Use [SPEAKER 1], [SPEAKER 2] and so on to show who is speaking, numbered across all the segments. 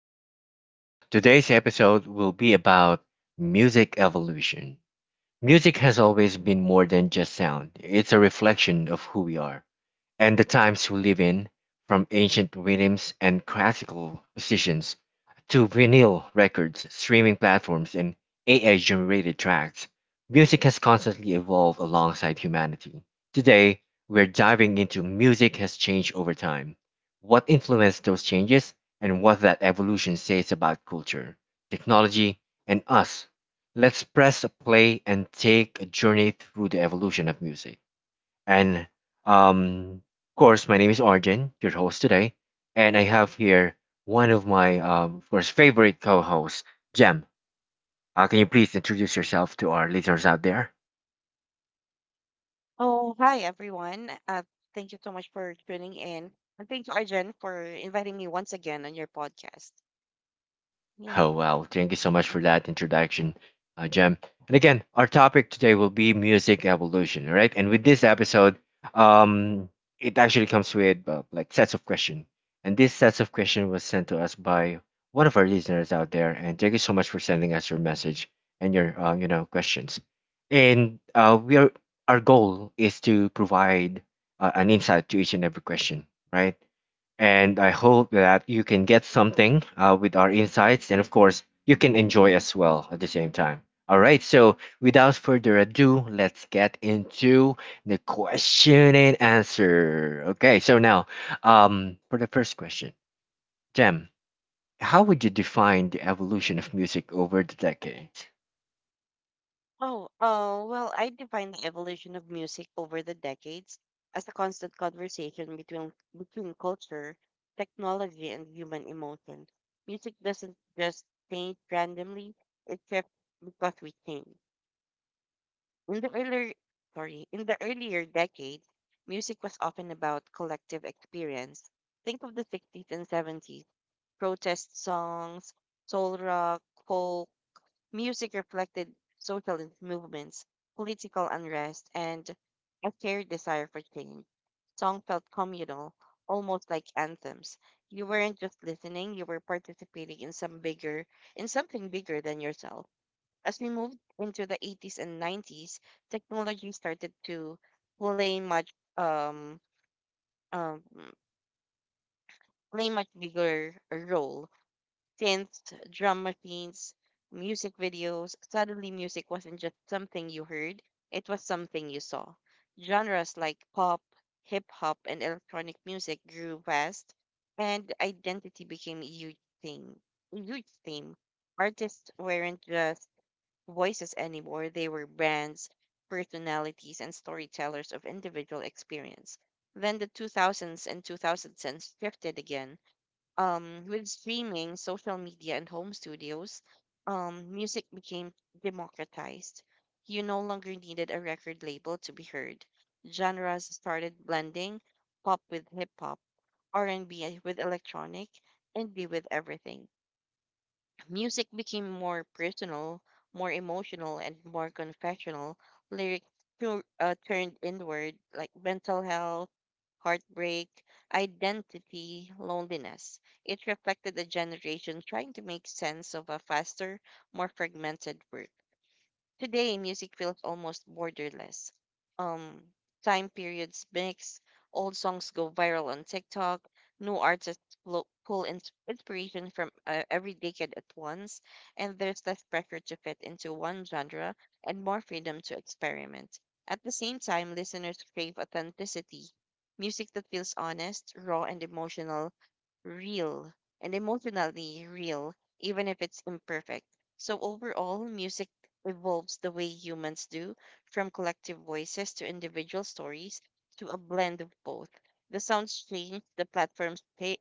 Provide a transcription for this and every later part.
[SPEAKER 1] Argent's podcast. Today's episode will be about music evolution. Music has always been more than just sound, it's a reflection of who we are and the times we live in, from ancient rhythms and classical musicians to vinyl records, streaming platforms, and AI generated tracks, music has constantly evolved alongside humanity. Today, we're diving into music has changed over time, what influenced those changes, and what that evolution says about culture, technology, and us. Let's press play and take a journey through the evolution of music. And um, of course, my name is Arjun, your host today, and I have here one of my, of course, favorite co-hosts, Jem. Can you please introduce yourself to our listeners out there?
[SPEAKER 2] Oh, hi everyone. Thank you so much for tuning in. And thank you, Arjen, for inviting me once again on your podcast. Yeah.
[SPEAKER 1] Oh, wow. Thank you so much for
[SPEAKER 2] Mhm.
[SPEAKER 1] that introduction, Jem. And again, our topic today will be music evolution, all right? And with this episode, um, it actually comes with like sets of question. And this sets of question was sent to us by one of our listeners out there. And thank you so much for sending us your message and your, questions. And our goal is to provide an insight to each and every question, right? And I hope that you can get something with our insights. And of course, you can enjoy as well at the same time. All right. So without further ado, let's get into the question and answer. Okay. So now, for the first question, Jem, how would you define the evolution of music over the decades?
[SPEAKER 2] Oh, well, I define the evolution of music over the decades as a constant conversation between culture, technology, and human emotion. Music doesn't just change randomly, it shifts because we change. In the earlier, in the earlier decades, music was often about collective experience. Think of the 60s and 70s, protest songs, soul rock, folk music reflected socialist movements, political unrest, and a shared desire for change. Song felt communal, almost like anthems. You weren't just listening; you were participating in some bigger, In something bigger than yourself. As we moved into the 80s and 90s, technology started to play much um, um, play much bigger role. Synths, drum machines, music videos. Suddenly, music wasn't just something you heard; it was something you saw. Genres like pop, hip hop, and electronic music grew fast, and identity became a huge thing. A huge theme. Artists weren't just voices anymore. They were brands, personalities, and storytellers of individual experience. Then the 2000s and 2010s shifted again. With streaming, social media, and home studios, music became democratized. You no longer needed a record label to be heard. Genres started blending, pop with hip hop, R&B with electronic, indie with everything. Music became more personal, more emotional, and more confessional. Lyrics turned inward, like mental health, heartbreak, identity, loneliness. It reflected a generation trying to make sense of a faster, more fragmented world. Today, music feels almost borderless. Um, Time periods mix, old songs go viral on TikTok, new artists inspiration from every decade at once, and there's less pressure to fit into one genre and more freedom to experiment. At the same time, listeners crave authenticity, music that feels honest, raw, and real emotionally real, even if it's imperfect. So, overall, music evolves the way humans do, from collective voices to individual stories to a blend of both. The sounds change,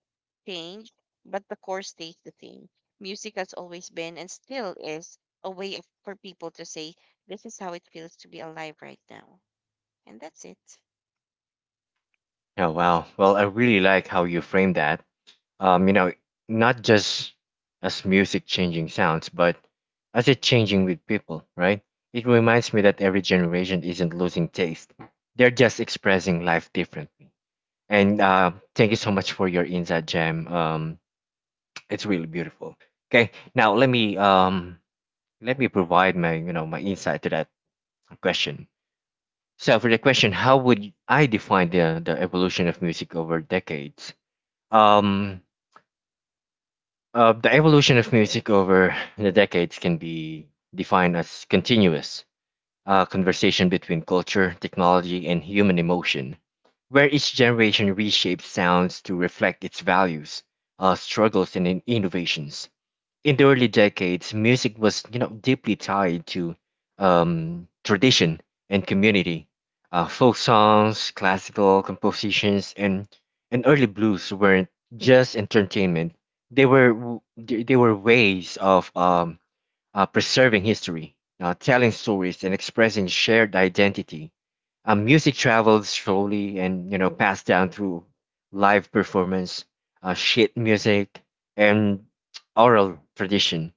[SPEAKER 2] change, but the core stays the same. Music has always been and still is a way for people to say, "This is how it feels to be alive right now." And that's it.
[SPEAKER 1] Oh, wow. Well, I really like how you frame that, um, you know, not just as music changing sounds, but as it changing with people, right? It reminds me that every generation isn't losing taste; they're just expressing life differently. And thank you so much for your insight, Jam. It's really beautiful. Okay, now let me provide my you know my insight to that question. So for the question, how would I define the evolution of music over decades? Um, the evolution of music over the decades can be defined as continuous conversation between culture, technology, and human emotion, where each generation reshapes sounds to reflect its values, struggles, and innovations. In the early decades, music was, you know, deeply tied to tradition and community. Folk songs, classical compositions, and early blues weren't just entertainment; they were w- they were ways of
[SPEAKER 2] Mhm.
[SPEAKER 1] preserving history, telling stories, and expressing shared identity. Music travels slowly and, you know, passed down through live performance, sheet music, and oral tradition.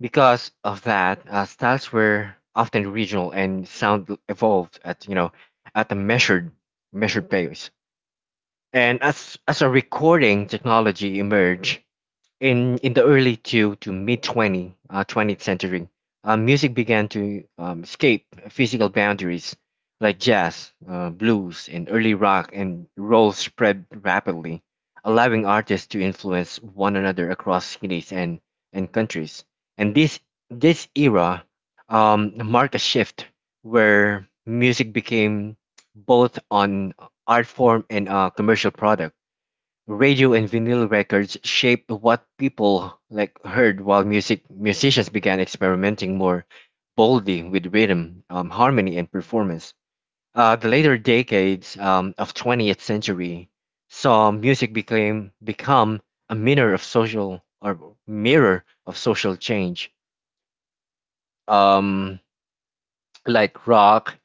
[SPEAKER 1] Because of that, styles were often regional and sound evolved at, you know, at a measured pace. And as a recording technology emerged, in the early to mid 20 20th century, music began to escape physical boundaries like jazz, blues, and early rock and roll, spread rapidly, allowing artists to influence one another across cities and countries. And this era marked a shift where music became both an art form and a commercial product. Radio and vinyl records shaped what people like heard, while musicians began experimenting more boldly with rhythm, harmony, and performance. The later decades of 20th century saw music became become a mirror of social or mirror of social change. Um, like rock,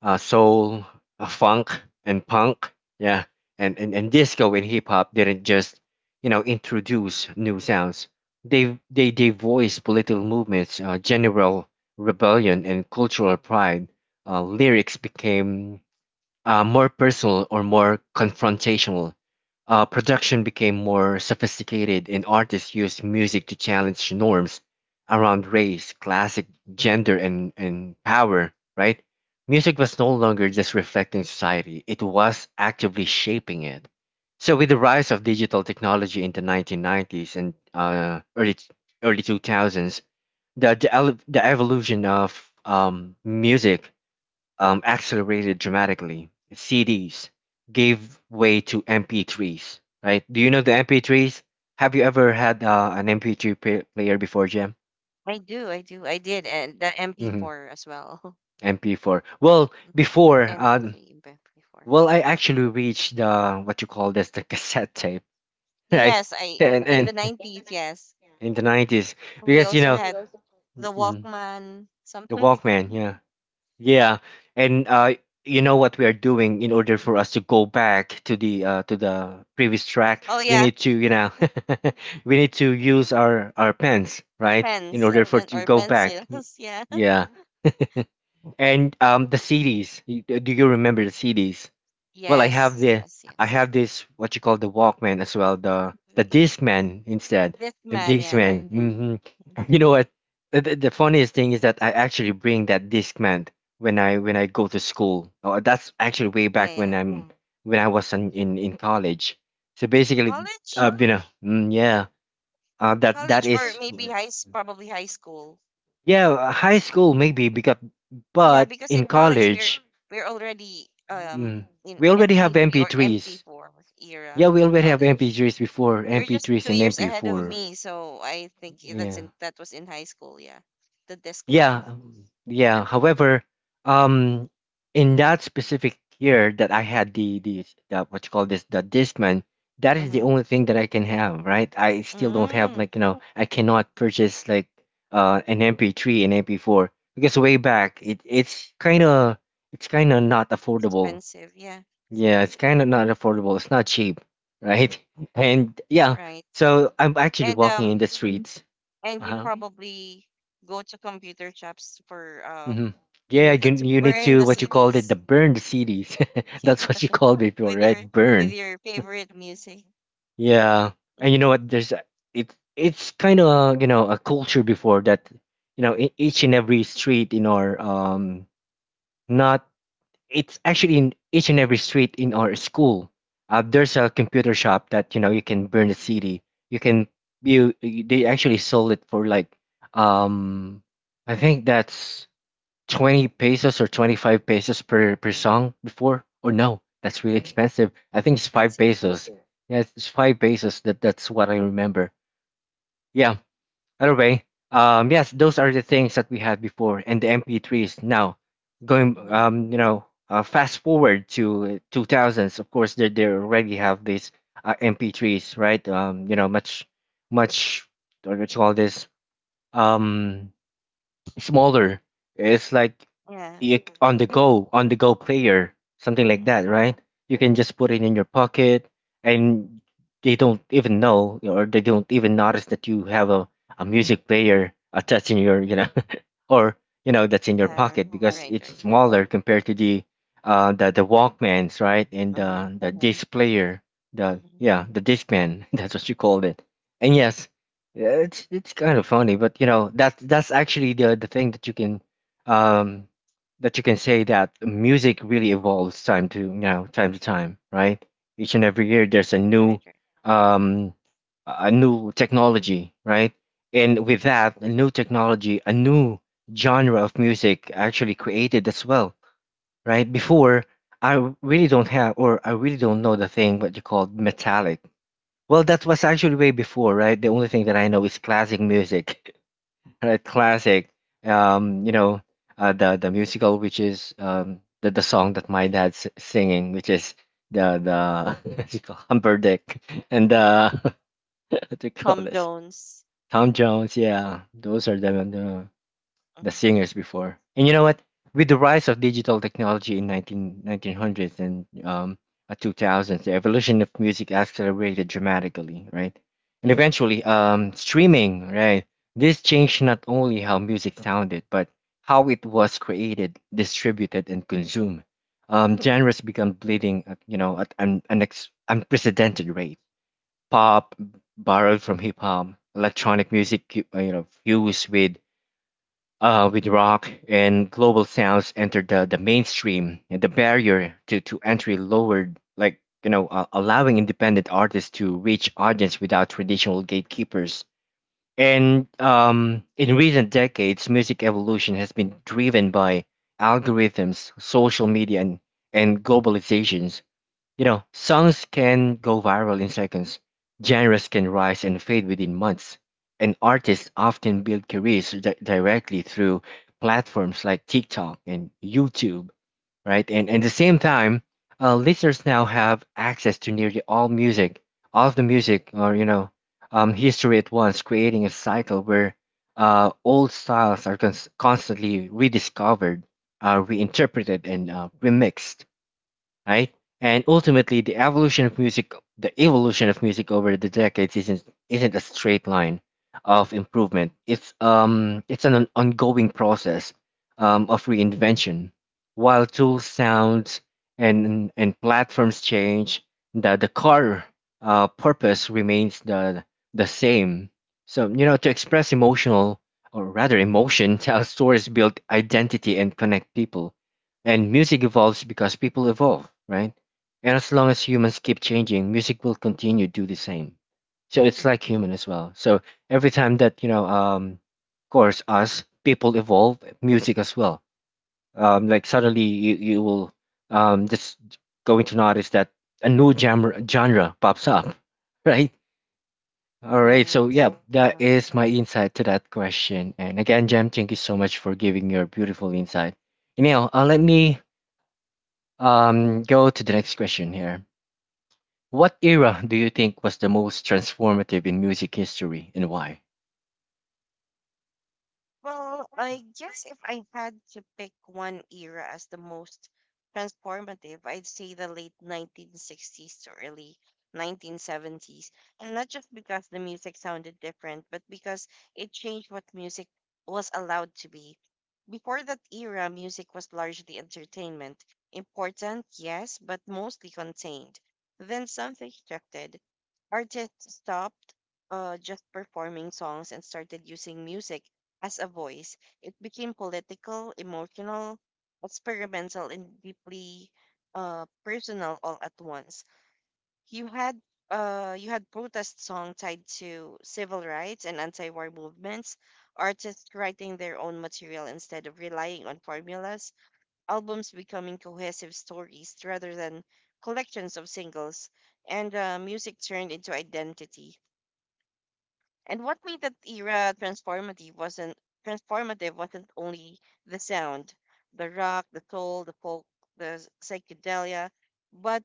[SPEAKER 1] soul, funk, and punk. Yeah, and disco and hip hop didn't just, you know, introduce new sounds. They voiced political movements, general rebellion, and cultural pride. Lyrics became more personal or more confrontational. Production became more sophisticated, and artists used music to challenge norms around race, classic gender, and power, right? Music was no longer just reflecting society, it was actively shaping it. So, with the rise of digital technology in the 1990s and early 2000s, the evolution of music accelerated dramatically. CDs gave way to MP3s, right? Do you know the MP3s? Have you ever had an player before, Jam?
[SPEAKER 2] I do, I did, and the
[SPEAKER 1] Hmm.
[SPEAKER 2] MP4 as well.
[SPEAKER 1] MP4. Well,
[SPEAKER 2] Hmm.
[SPEAKER 1] before,
[SPEAKER 2] MP3, MP4.
[SPEAKER 1] well, I actually reached the, what you call this, the cassette tape, right?
[SPEAKER 2] Yes, I
[SPEAKER 1] And
[SPEAKER 2] in the 90s, yes.
[SPEAKER 1] in the 90s,
[SPEAKER 2] We
[SPEAKER 1] because you
[SPEAKER 2] also
[SPEAKER 1] know,
[SPEAKER 2] had
[SPEAKER 1] mm,
[SPEAKER 2] the
[SPEAKER 1] mm,
[SPEAKER 2] Walkman,
[SPEAKER 1] the
[SPEAKER 2] something like that.
[SPEAKER 1] Walkman, yeah. Yeah, and you know what we are doing in order for us to go back to the previous track,
[SPEAKER 2] Oh
[SPEAKER 1] we
[SPEAKER 2] yeah,
[SPEAKER 1] need to, you know, we need to use our pens, right? In
[SPEAKER 2] pens
[SPEAKER 1] order
[SPEAKER 2] and
[SPEAKER 1] for
[SPEAKER 2] pen
[SPEAKER 1] to
[SPEAKER 2] or
[SPEAKER 1] go back.
[SPEAKER 2] pencils, yeah.
[SPEAKER 1] Yeah. And um, the CDs, do you remember the CDs? Well,
[SPEAKER 2] Yes, yes,
[SPEAKER 1] I
[SPEAKER 2] yes.
[SPEAKER 1] have this, what you call, the Walkman as well, the the
[SPEAKER 2] Yeah.
[SPEAKER 1] Discman instead, the
[SPEAKER 2] Discman, yeah.
[SPEAKER 1] Discman. Hmm. You know what? The funniest thing is that I actually bring that Discman when I go to school. Oh, that's actually way
[SPEAKER 2] Yeah,
[SPEAKER 1] back when
[SPEAKER 2] yeah.
[SPEAKER 1] I'm when I was in college. So basically,
[SPEAKER 2] College?
[SPEAKER 1] you know, mm, yeah, that that
[SPEAKER 2] College or
[SPEAKER 1] is,
[SPEAKER 2] maybe probably high school.
[SPEAKER 1] yeah, high school maybe, because
[SPEAKER 2] Yeah,
[SPEAKER 1] but
[SPEAKER 2] because
[SPEAKER 1] in
[SPEAKER 2] in college we're
[SPEAKER 1] college,
[SPEAKER 2] we're already
[SPEAKER 1] mm,
[SPEAKER 2] in
[SPEAKER 1] we already have
[SPEAKER 2] MP3 or
[SPEAKER 1] MP3s.
[SPEAKER 2] MP4 era
[SPEAKER 1] Yeah, we
[SPEAKER 2] in
[SPEAKER 1] already have
[SPEAKER 2] college.
[SPEAKER 1] MP3s before,
[SPEAKER 2] You're just
[SPEAKER 1] MP3s
[SPEAKER 2] two
[SPEAKER 1] and
[SPEAKER 2] years ahead of
[SPEAKER 1] MP4.
[SPEAKER 2] me, so I think I- that's
[SPEAKER 1] Yeah.
[SPEAKER 2] in that was in high school. Yeah, the
[SPEAKER 1] Yeah.
[SPEAKER 2] Discman.
[SPEAKER 1] Yeah. However, um in that specific year that I had the, what you call this, the Discman, that is the
[SPEAKER 2] Mm-hmm.
[SPEAKER 1] only thing that I can have, right? I still don't have
[SPEAKER 2] Mm,
[SPEAKER 1] like, you know, I cannot purchase like an MP3 and MP4 because way back it's kind of, it's kind of not affordable.
[SPEAKER 2] expensive. Yeah,
[SPEAKER 1] Yeah, it's
[SPEAKER 2] expensive.
[SPEAKER 1] kind of not affordable. It's not cheap, right? And yeah,
[SPEAKER 2] Right.
[SPEAKER 1] so I'm actually
[SPEAKER 2] And
[SPEAKER 1] walking
[SPEAKER 2] um,
[SPEAKER 1] in the streets.
[SPEAKER 2] and you
[SPEAKER 1] Uh-huh.
[SPEAKER 2] probably go to computer shops for
[SPEAKER 1] Hmm. Yeah, you
[SPEAKER 2] that to
[SPEAKER 1] you need
[SPEAKER 2] burn
[SPEAKER 1] to,
[SPEAKER 2] the
[SPEAKER 1] what you called it, the
[SPEAKER 2] CDs.
[SPEAKER 1] burned cities.
[SPEAKER 2] Yeah,
[SPEAKER 1] That's what you called it before,
[SPEAKER 2] with your
[SPEAKER 1] right?
[SPEAKER 2] with
[SPEAKER 1] Burn.
[SPEAKER 2] your favorite music.
[SPEAKER 1] Yeah, and you know
[SPEAKER 2] Mhm.
[SPEAKER 1] what? There's a- it. It's kind of, you know, a culture before that. You know, each and every street in our not it's actually in each and every street in our school. There's a computer shop that, you know, you can burn the CD. You can you, they actually sold it for like, um I think that's 20 pesos or 25 pesos per song before, or no, that's really expensive. I think it's five
[SPEAKER 2] Expensive.
[SPEAKER 1] pesos. Yeah, it's 5 pesos. That, that's what I remember. Yeah, either way, yes, those are the things that we had before, and the MP3s. Now, going,
[SPEAKER 2] Mm-hmm.
[SPEAKER 1] fast forward to 2000s. Of course, they already have these MP3s, right? Much, what do you call this? Um, smaller. It's like,
[SPEAKER 2] Yeah.
[SPEAKER 1] on the go, player, something like
[SPEAKER 2] Mm-hmm.
[SPEAKER 1] that, right? You can just put it in your pocket, and they don't even know, or they don't even notice that you have a music player attached in your, you know, or, you know, that's in your
[SPEAKER 2] Yeah.
[SPEAKER 1] pocket because
[SPEAKER 2] Right.
[SPEAKER 1] it's
[SPEAKER 2] Right.
[SPEAKER 1] smaller compared to the Walkmans, right? And
[SPEAKER 2] Mm-hmm.
[SPEAKER 1] the disc player, the
[SPEAKER 2] Mm-hmm.
[SPEAKER 1] yeah, the Discman, that's what you called it. And yes, yeah, it's kind of funny, but you know that that's actually the thing um that you can say that music really evolves time to, you know, time to time, right? Each and every year there's
[SPEAKER 2] Right. Right.
[SPEAKER 1] um a new technology, right? And with that, a new technology, a new genre of music actually created as well, right? Before, I really don't know the thing, what you call metallic, well, that was actually way before, right? The only thing that I know is classic music, right? Um, you know, the musical, which is, the song that my dad's singing, which is the what's it called? Humberdick, and what do you call
[SPEAKER 2] Home
[SPEAKER 1] this?
[SPEAKER 2] loans.
[SPEAKER 1] Tom Jones, yeah, those are the, the
[SPEAKER 2] Mm-hmm.
[SPEAKER 1] singers before. And you know what? With the rise of digital technology in nineteen hundreds and 2000s, the evolution of music accelerated dramatically, right? And eventually, streaming, right? This changed not only how music sounded, but how it was created, distributed, and consumed. Genres become bleeding, at, you know, at an, unprecedented rate. Pop borrowed from hip hop, electronic music, fused with rock, and global sounds entered the mainstream, and the barrier to entry lowered, allowing independent artists to reach audience without traditional gatekeepers. And In recent decades, music evolution has been driven by algorithms, social media, and globalizations. You know, songs can go viral in seconds, genres can rise and fade within months, and artists often build careers directly through platforms like TikTok and YouTube, right? And at the same time, listeners now have access to nearly all music, all of the music or, you know, history at once, creating a cycle where old styles are constantly rediscovered, reinterpreted, and remixed, right? And ultimately, the evolution of music over the decades isn't a straight line of improvement. It's an ongoing process of reinvention. While tools, sounds, and platforms change, the core purpose remains the same. So, you know, to express emotional, or rather emotion, tell stories, build identity, and connect people. And music evolves because people evolve, right? And as long as humans keep changing, music will continue to do the same. So it's like human as well. So every time that, you know, of course, us people evolve, music as well. Like suddenly you, will just going to notice that a new genre, pops up, right? All right,
[SPEAKER 2] Right.
[SPEAKER 1] so yeah, that
[SPEAKER 2] Uh,
[SPEAKER 1] is my insight to that question. And again, Jem, thank you so much for giving your beautiful insight. Anyhow, let me go to the next question here. What era do you think was the most transformative in music history, and why?
[SPEAKER 2] well, I guess if I had to pick one era as the most transformative, I'd say the late 1960s to early 1970s. And not just because the music sounded different, but because it changed what music was allowed to be. Before that era, music was largely entertainment. Important, yes, but mostly contained. Then something shifted. Artists stopped just performing songs and started using music as a voice. It became political, emotional, experimental, and deeply personal all at once. You had you had protest song tied to civil rights and anti-war movements, artists writing their own material instead of relying on formulas, albums becoming cohesive stories rather than collections of singles, and music turned into identity. And what made that era transformative wasn't only the sound, the rock, the soul, the folk, psychedelia, but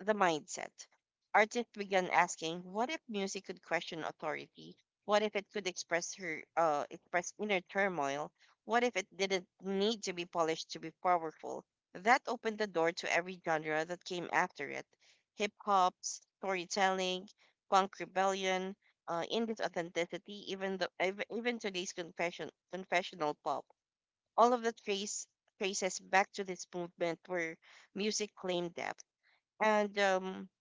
[SPEAKER 2] the mindset. Artists began asking, what if music could question authority? What if it could express inner turmoil? What if it didn't need to be polished to be powerful? That opened the door to every genre that came after it. Hip hop, storytelling, punk rebellion, indie's authenticity, even even today's confessional pop. All of the traces back to this movement where music claimed depth. And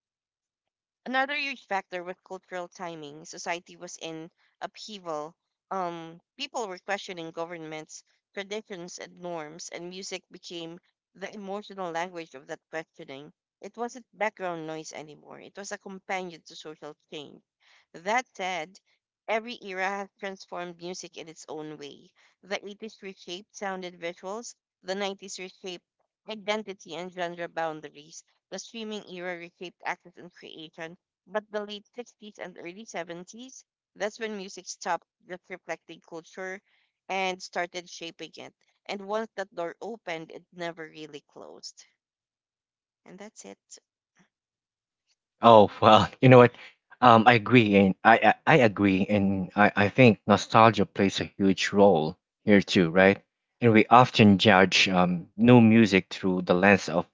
[SPEAKER 2] Another huge factor was cultural timing. Society was in upheaval. People were questioning governments, traditions, and norms, and music became the emotional language of that questioning. It wasn't background noise anymore, it was a companion to social change. That said, every era has transformed music in its own way. The 80s reshaped sound and visuals, the 90s reshaped identity and genre boundaries. The streaming era reshaped access and creation, but the late 60s and early 70s, that's when music stopped just reflecting culture and started shaping it. And once that door opened, it never really closed. And that's it.
[SPEAKER 1] Oh, well, you know what? I agree, and I agree, and I think nostalgia plays a huge role here too, right? And we often judge new music through the lens of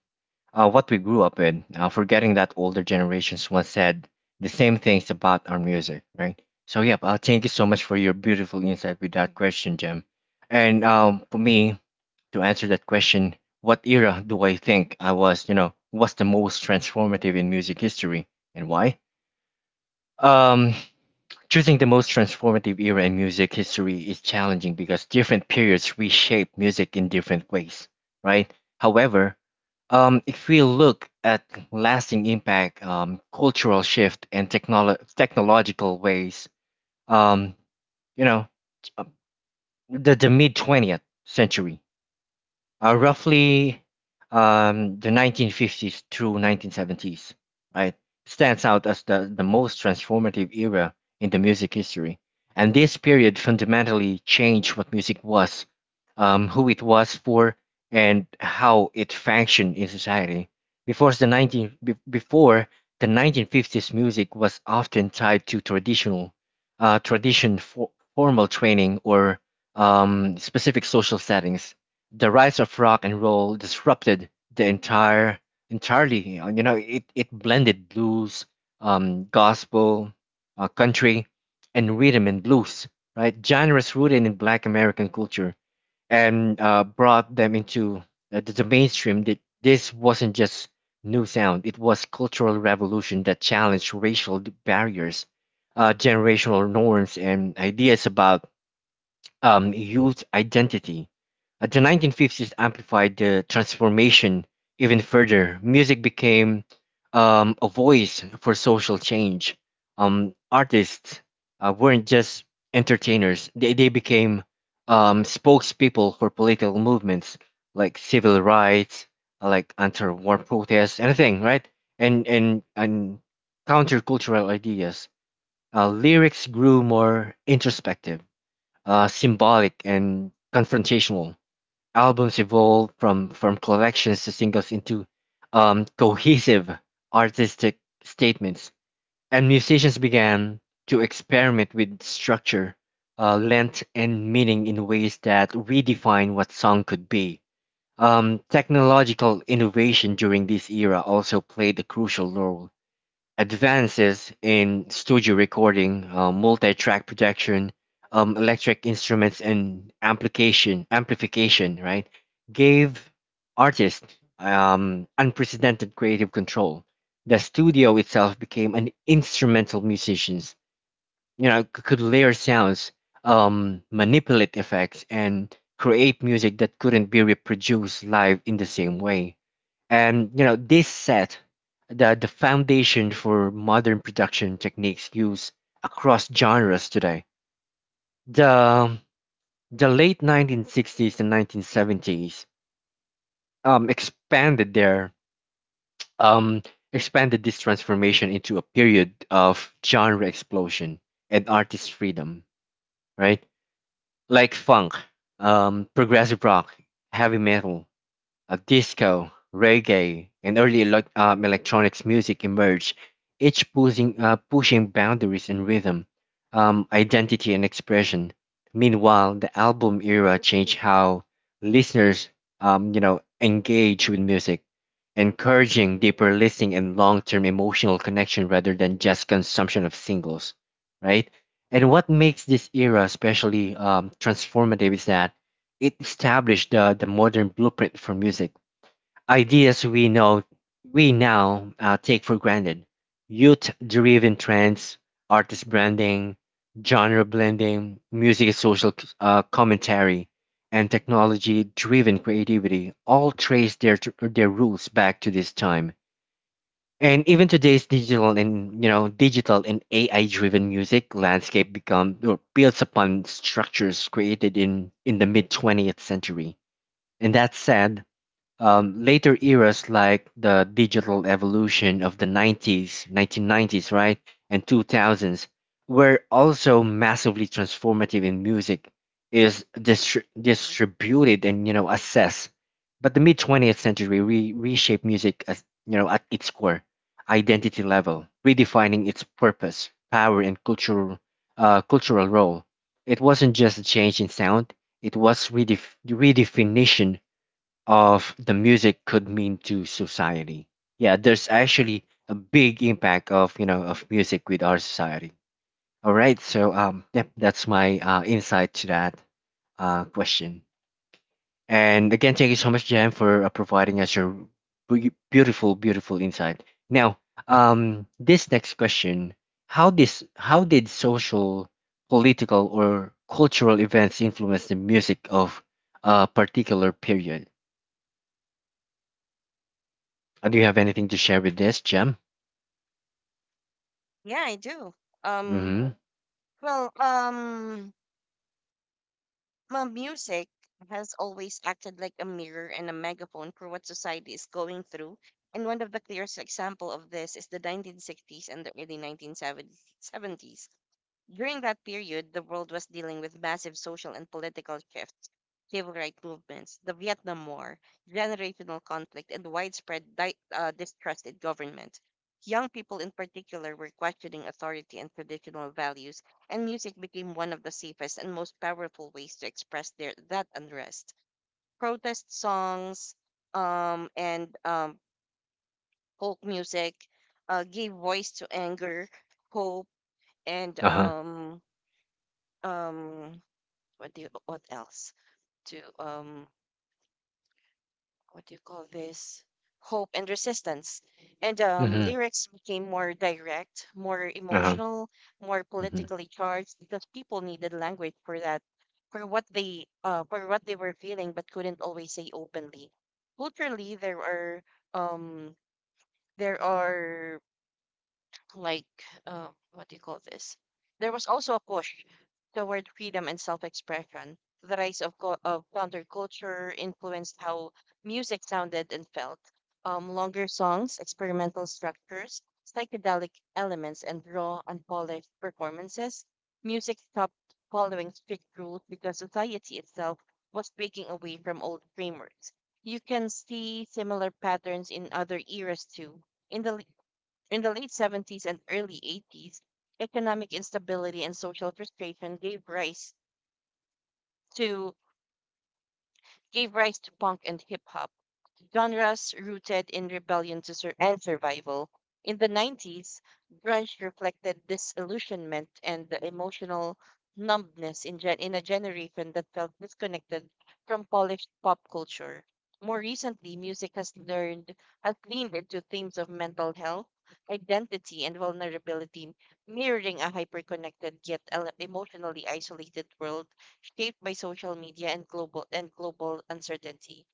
[SPEAKER 1] what we grew up with, forgetting that older generations once said the same things about our music, right? So, yeah, thank you so much for your beautiful insight with that question, Jem. And For me, to answer that question, what era do I think you know, was the most transformative in music history and why? Um, Choosing the most transformative era in music history is challenging because different periods reshape music in different ways, right? However, if we look at lasting impact, cultural shift, and technological ways, um, you know, t- uh, the, mid 20th century, roughly the 1950s through 1970s, right, stands out as the most transformative era in the music history. And this period fundamentally changed what music was, who it was for, and how it functioned in society. Before the 1950s, music was often tied to tradition, formal training, or specific social settings. The rise of rock and roll disrupted the entire entirely. It blended blues, gospel, country, and rhythm and blues, right? Genres rooted in black american culture, and brought them into the, mainstream. That this wasn't just new sound, it was cultural revolution that challenged racial barriers, generational norms, and ideas about youth identity. The 1950s amplified the transformation even further. Music became a voice for social change. Artists weren't just entertainers, they became spokespeople for political movements, like civil rights, like anti war protests, anything, right? And countercultural ideas. Lyrics grew more introspective, symbolic, and confrontational. Albums evolved from collections to singles into cohesive artistic statements, and musicians began to experiment with structure, length, and meaning in ways that redefine what song could be. Technological innovation during this era also played a crucial role. Advances in studio recording, multi-track production, electric instruments, and amplification, right, gave artists unprecedented creative control. The studio itself became an instrumental musicians. You know, could layer sounds, manipulate effects, and create music that couldn't be reproduced live in the same way. And you know, this set the foundation for modern production techniques used across genres today. The the late 1960s and 1970s um expanded their um expanded this transformation into a period of genre explosion and artist freedom, right? Like funk, progressive rock, heavy metal, disco, reggae, and early electronics music emerged, each pushing boundaries in rhythm, identity, and expression. Meanwhile, the album era changed how listeners, engage with music, encouraging deeper listening and long-term emotional connection rather than just consumption of singles, right? And what makes this era especially transformative is that it established the modern blueprint for music. Ideas we know we now take for granted: youth-driven trends, artist branding, genre blending, music and social commentary, and technology-driven creativity all trace their roots back to this time. And even today's digital, and you know, digital and ai driven music landscape become or builds upon structures created in the mid 20th century. And that said, later eras like the digital evolution of the 1990s, right, and 2000s were also massively transformative in music is distributed and you know assessed. But the mid 20th century reshaped music as you know at its core identity level, redefining its purpose, power, and cultural role. It wasn't just a change in sound; it was redefinition of the music could mean to society. Yeah, there's actually a big impact of, you know, of music with our society. All right, so yep, that's my insight to that question. And again, thank you so much, Jan, for providing us your beautiful, beautiful insight. Now, this next question: How did social, political, or cultural events influence the music of a particular period? Do you have anything to share with this, Jem?
[SPEAKER 2] Yeah, I do. Um,
[SPEAKER 1] Mm-hmm.
[SPEAKER 2] well, um, my music has always acted like a mirror and a megaphone for what society is going through. And one of the clearest example of this is the 1960s and the early 1970s. During that period, the world was dealing with massive social and political shifts, civil rights movements, the Vietnam War, generational conflict, and distrust in government. Young people, in particular, were questioning authority and traditional values, and music became one of the safest and most powerful ways to express that unrest. Protest songs and folk music gave voice to anger, hope, and
[SPEAKER 1] Uh-huh.
[SPEAKER 2] um, what do you, what else to what do you call this hope and resistance. And
[SPEAKER 1] Mm-hmm.
[SPEAKER 2] Lyrics became more direct, more
[SPEAKER 1] Uh-huh.
[SPEAKER 2] emotional, more
[SPEAKER 1] Mm-hmm.
[SPEAKER 2] politically charged because people needed language for what they were feeling but couldn't always say openly. Culturally um there are like uh, what do you call this there was also a push toward freedom and self expression. The rise of counterculture influenced how music sounded and felt. Longer songs, experimental structures, psychedelic elements, and raw, unpolished performances. Music stopped following strict rules because society itself was breaking away from old frameworks. You can see similar patterns in other eras too. In the in the late 70s and early 80s, economic instability and social frustration to gave rise to punk and hip hop, genres rooted in rebellion and survival. In the 90s, grunge reflected disillusionment and the emotional numbness in a generation that felt disconnected from polished pop culture. More recently, music has learned has leaned into themes of mental health, identity, and vulnerability, mirroring a hyper-connected yet emotionally isolated world shaped by social media and global uncertainty.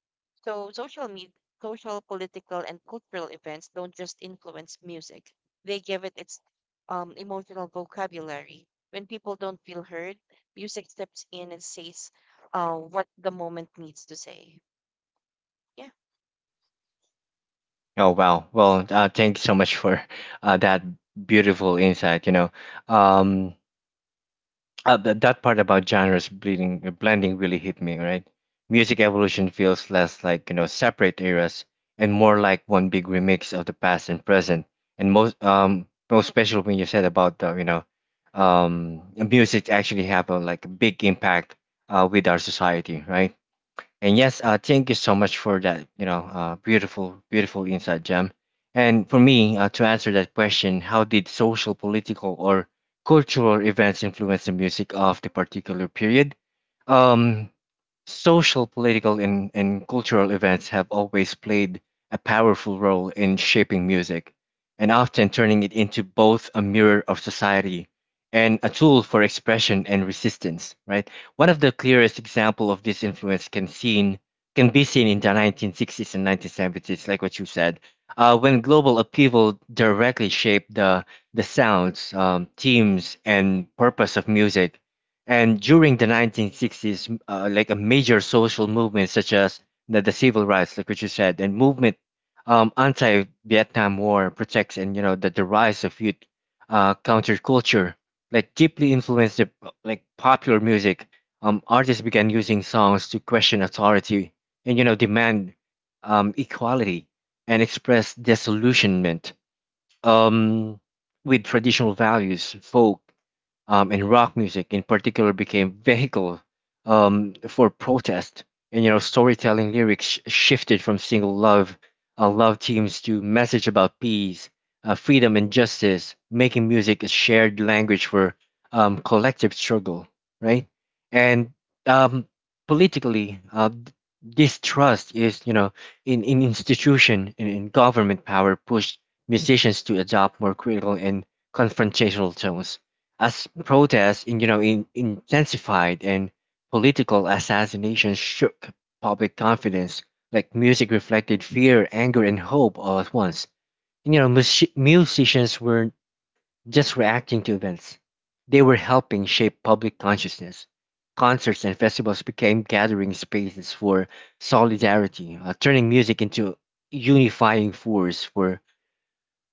[SPEAKER 2] So social media, Social, political, and cultural events don't just influence music; they give it its emotional vocabulary. When people don't feel heard, music steps in and says what the moment needs to say. Yeah.
[SPEAKER 1] Oh, wow. Well, thank you so much for that beautiful insight. You know, um, that part about genres bleeding, blending really hit me. Right, music evolution feels less like, you know, separate eras, and more like one big remix of the past and present. And most special when you said about the, you know, music actually have a like big impact with our society, right? And yes, thank you so much for that, you know, beautiful, beautiful insight, Jem. And for me, to answer that question, how did social, political, or cultural events influence the music of the particular period? Um, Social, political, and cultural events have always played a powerful role in shaping music, and often turning it into both a mirror of society and a tool for expression and resistance. Right. One of the clearest example of this influence can be seen in the 1960s and 1970s, like what you said, when global upheaval directly shaped the sounds, themes, and purpose of music. And during the 1960s, like a major social movement such as the civil rights, like what you said, and movement, anti-Vietnam War protects, and you know the rise of youth counterculture, like deeply influenced like popular music. Artists began using songs to question authority, and you know demand equality and express disillusionment um, with traditional values. Folk and rock music in particular became vehicle for protest. And you know, storytelling lyrics shifted from single love teams to message about peace, freedom, and justice, making music a shared language for collective struggle, right? And um, Politically, distrust is, you know, in institution and in government power pushed musicians to adopt more critical and confrontational tones. As protests you know intensified, and political assassinations shook public confidence, like music reflected fear, anger, and hope all at once. And, you know, musicians weren't just reacting to events, they were helping shape public consciousness. Concerts and festivals became gathering spaces for solidarity, turning music into a unifying force for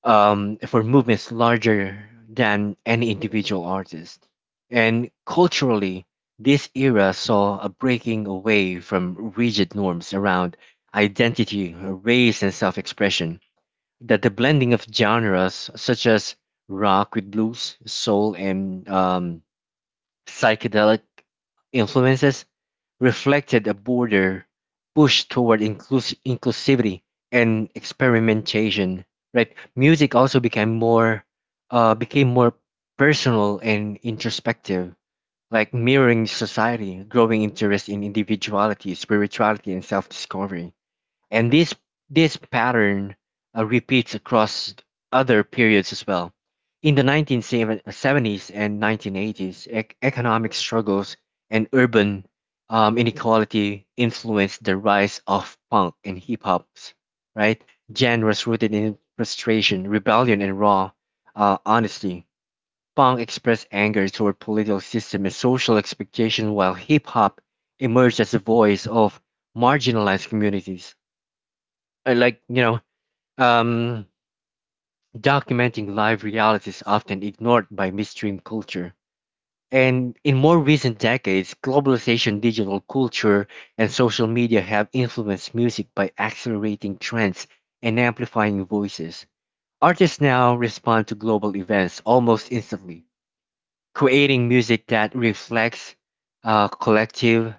[SPEAKER 1] movements larger than any individual artist. And culturally, this era saw a breaking away from rigid norms around identity, race, and self expression. That the blending of genres such as rock with blues, soul, and psychedelic influences reflected a broader push toward inclusivity and experimentation. Right, music also became more personal and introspective, like mirroring society, growing interest in individuality, spirituality, and self-discovery. And this pattern repeats across other periods as well. In the 1970s and 1980s, economic struggles and urban inequality influenced the rise of punk and hip hops, right? Genres rooted in frustration, rebellion, and raw honesty. Punk expressed anger toward political system and social expectation, while hip hop emerged as a voice of marginalized communities uh, like you know um, documenting live reality is often ignored by mainstream culture. And in more recent decades, globalization, digital culture, and social media have influenced music by accelerating trends and amplifying voices. Artists now respond to global events almost instantly, creating music that reflects collective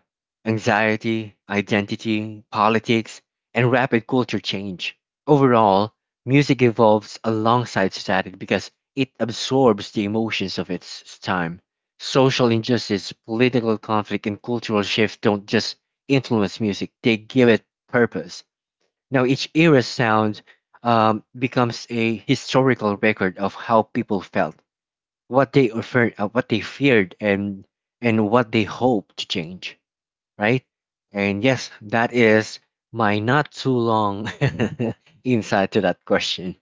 [SPEAKER 1] anxiety, identity, politics, and rapid culture change. Overall, music evolves alongside society because it absorbs the emotions of its time. Social injustice, political conflict, and cultural shift don't just influence music, they give it purpose. Now, each era's sound becomes a historical record of how people felt, what they offer, what they feared, and what they hope to change, right? And yes, that is my not too long insight to that question.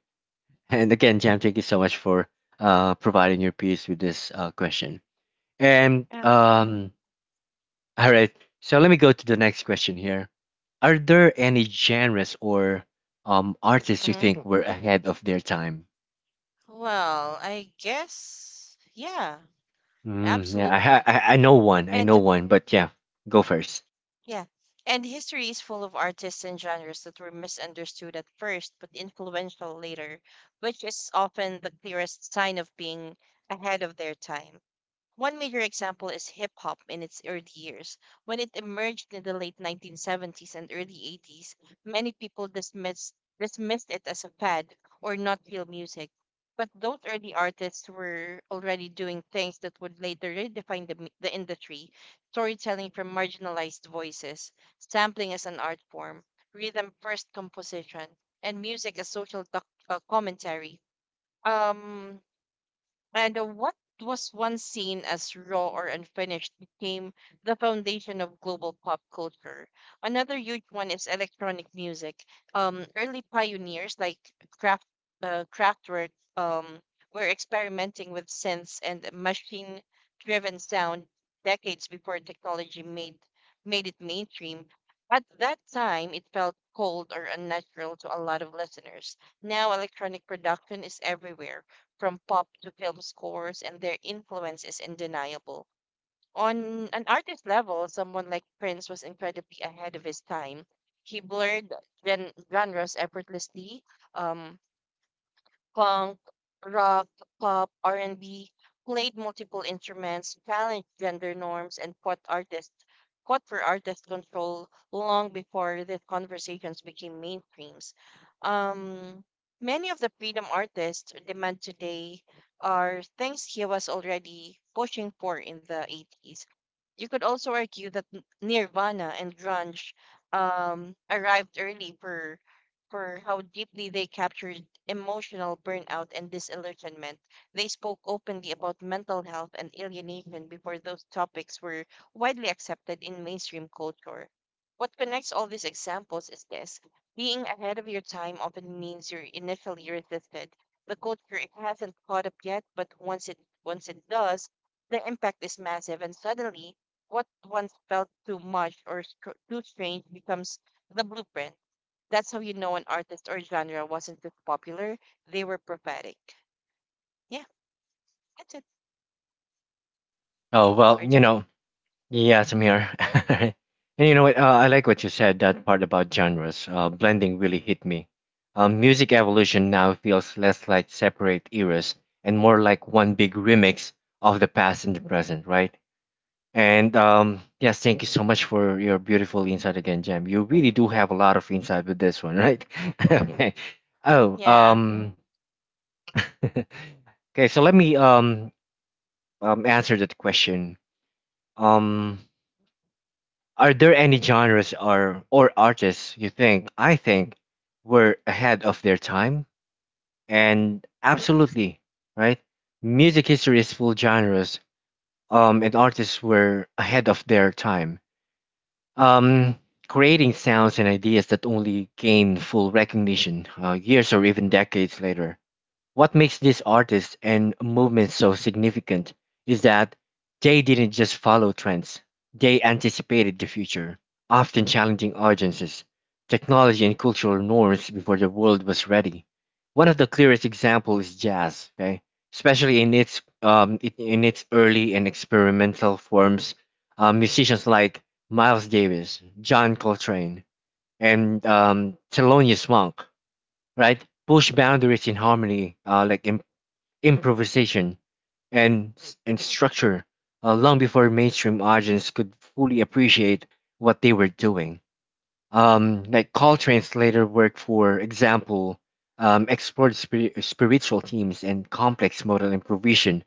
[SPEAKER 1] And again, Jam, thank you so much for providing your piece with this question. And
[SPEAKER 2] Yeah. Hmm.
[SPEAKER 1] All right, so let me go to the next question here. Are there any genres or artists you
[SPEAKER 2] Hmm.
[SPEAKER 1] think were ahead of their time?
[SPEAKER 2] Well, I guess yeah,
[SPEAKER 1] Yeah, I, ha-
[SPEAKER 2] Absolutely.
[SPEAKER 1] I I know one, I know
[SPEAKER 2] And
[SPEAKER 1] one, but yeah, go first.
[SPEAKER 2] Yeah. And history is full of artists and genres that were misunderstood at first but influential later, which is often the clearest sign of being ahead of their time. One major example is hip hop in its early years. When it emerged in the late 1970s and early 80s, many people dismissed it as a fad or not real music. But those early artists were already doing things that would later redefine the industry: storytelling from marginalized voices, sampling as an art form, rhythm first composition, and music as commentary. Um, and What was once seen as raw or unfinished became the foundation of global pop culture. Another huge one is electronic music. Early pioneers like Kraft, Kraftwerk um, were experimenting with synths and machine-driven sound decades before technology made made it mainstream. At that time, it felt cold or unnatural to a lot of listeners. Now, electronic production is everywhere from pop to film scores, and their influence is undeniable. On an artist level, someone like Prince was incredibly ahead of his time. He blurred genres effortlessly, um, punk, rock, pop, R&B, played multiple instruments, challenged gender norms, and fought for artist control long before these conversations became mainstreams. Um, Many of the freedom artists demand today are things he was already pushing for in the 80s. You could also argue that Nirvana and grunge arrived early for how deeply they captured emotional burnout and disillusionment. They spoke openly about mental health and alienation before those topics were widely accepted in mainstream culture. What connects all these examples is this: being ahead of your time often means you're initially resisted. The culture it hasn't caught up yet, but once it does, the impact is massive, and suddenly what once felt too much or too strange becomes the blueprint. That's how you know an artist or genre wasn't just popular, they were prophetic. Yeah, that's it,
[SPEAKER 1] Oh well, you
[SPEAKER 2] Arjun.
[SPEAKER 1] know, yeah, Samir. And you know what? I like what you said. That part about genres, blending really hit me. Music evolution now feels less like separate eras and more like one big remix of the past and the present, right? And Yes, thank you so much for your beautiful insight again, Jam. You really do have a lot of insight with this one, right? Okay. Oh,
[SPEAKER 2] Yeah,
[SPEAKER 1] um, okay. So let me answer that question. Um. Are there any genres or artists you think I think were ahead of their time? And absolutely, right? Music history is full genres. And artists were ahead of their time. Um, Creating sounds and ideas that only gain full recognition years or even decades later. What makes these artists and movements so significant is that they didn't just follow trends, they anticipated the future, often challenging audiences, technology, and cultural norms before the world was ready. One of the clearest examples is jazz, okay? Especially in its in its early and experimental forms. Musicians like Miles Davis, John Coltrane, and Thelonious Monk, right? Push boundaries in harmony, like in improvisation, and structure long before mainstream audience could fully appreciate what they were doing. Like Coltrane's later work, for example, explored spiritual themes and complex modal improvisation,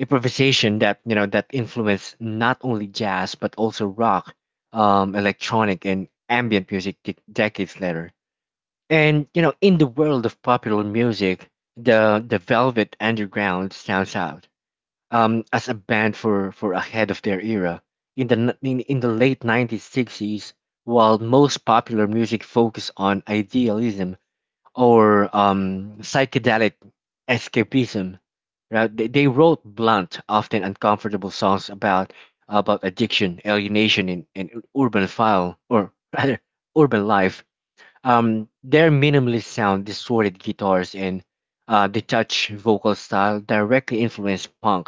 [SPEAKER 1] improvisation that you know that influenced not only jazz but also rock, electronic, and ambient music decades later. And you know, in the world of popular music, the Velvet Underground stands out as a band for ahead of their era. In the late 1960s, while most popular music focused on idealism or psychedelic escapism, right, they wrote blunt, often uncomfortable songs about addiction, alienation, and urban file or rather urban life. Their minimally sound, distorted guitars and detached vocal style directly influenced punk,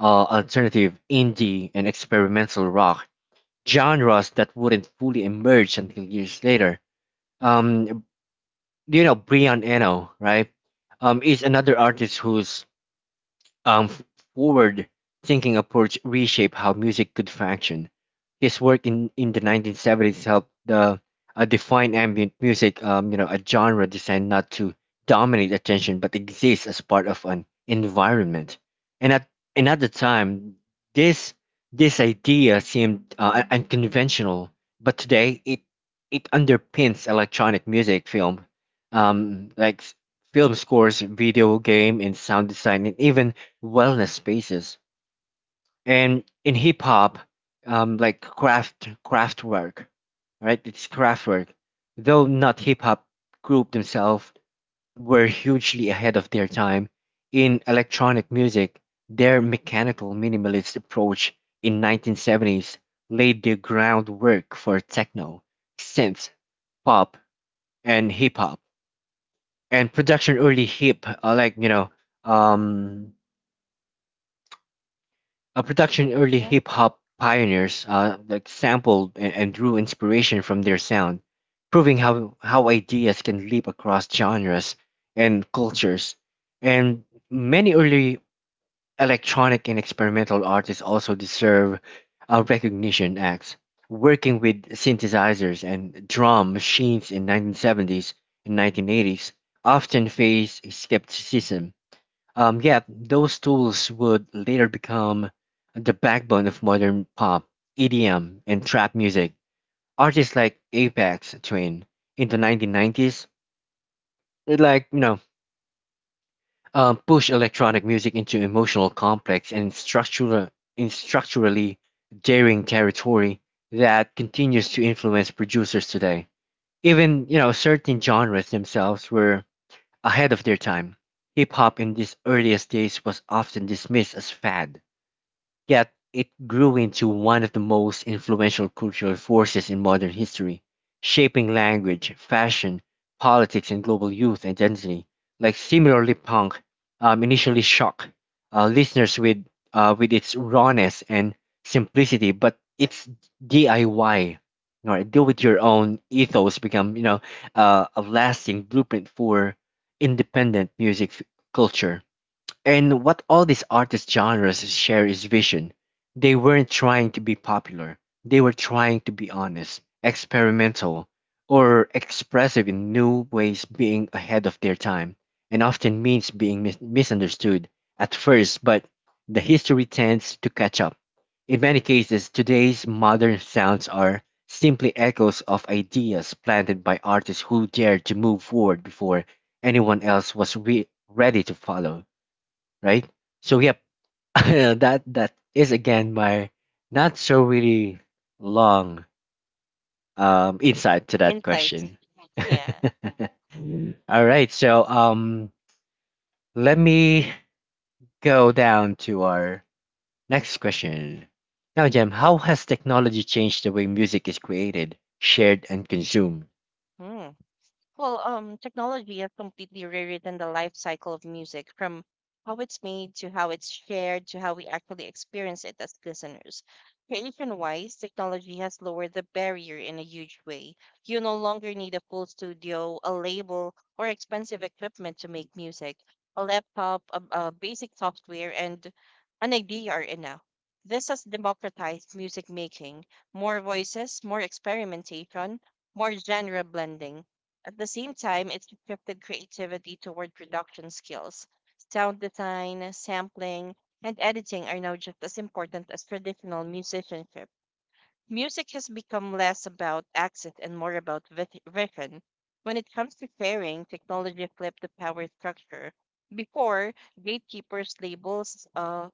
[SPEAKER 1] alternative, indie, and experimental rock genres that wouldn't fully emerge until years later. Um, you know, Brian Eno, right? Is another artist whose um, forward thinking approach reshape how music could function. His work in the 1970s helped define ambient music, you know, a genre designed not to dominate attention but exist as part of an environment. And at, and at the time, this this idea seemed unconventional, but today it underpins electronic music, film, um, like s- film scores, video game, and sound design, and even wellness spaces. And in hip hop, craft work, right? It's craft work, though not hip hop group themselves, were hugely ahead of their time in electronic music. Their mechanical minimalist approach in 1970s laid the groundwork for techno, synth, pop, and hip hop. And production early hip like you know um A production early
[SPEAKER 2] yeah.
[SPEAKER 1] hip hop pioneers like sampled and drew inspiration from their sound, proving how ideas can leap across genres and cultures. And many early electronic and experimental artists also deserve recognition acts. Working with synthesizers and drum machines in 1970s and 1980s often faced skepticism, yet, those tools would later become the backbone of modern pop, EDM, and trap music. Artists like Apex Twin in the 1990s, it like, you know, push electronic music into emotional, complex, and structurally daring territory that continues to influence producers today. Even, you know, certain genres themselves were ahead of their time. Hip hop in these earliest days was often dismissed as fad. Yet it grew into one of the most influential cultural forces in modern history, shaping language, fashion, politics, and global youth identity. Like similarly, punk initially shocked listeners with its rawness and simplicity, but its DIY, or do it your own ethos, become you know a lasting blueprint for independent music culture. And what all these artist genres share is vision. They weren't trying to be popular. They were trying to be honest, experimental, or expressive in new ways. Being ahead of their time, and often means being misunderstood at first, but the history tends to catch up. In many cases, today's modern sounds are simply echoes of ideas planted by artists who dared to move forward before anyone else was ready to follow, right? So yep, that is again my not so really long insight to that
[SPEAKER 2] Insight.
[SPEAKER 1] question.
[SPEAKER 2] Yeah.
[SPEAKER 1] All right, so let me go down to our next question. Now, Jem, how has technology changed the way music is created, shared, and consumed?
[SPEAKER 2] Hmm. Well, technology has completely rewritten the life cycle of music, from how it's made to how it's shared to how we actually experience it as listeners. Creation-wise, technology has lowered the barrier in a huge way. You no longer need a full studio, a label, or expensive equipment to make music. A laptop, a basic software, and an idea are enough. This has democratized music making: more voices, more experimentation, more genre blending. At the same time, it shifted creativity toward production skills. Sound design, sampling, and editing are now just as important as traditional musicianship. Music has become less about access and more about vision. When it comes to sharing, technology flipped the power structure. Before, gatekeepers, labels, uh,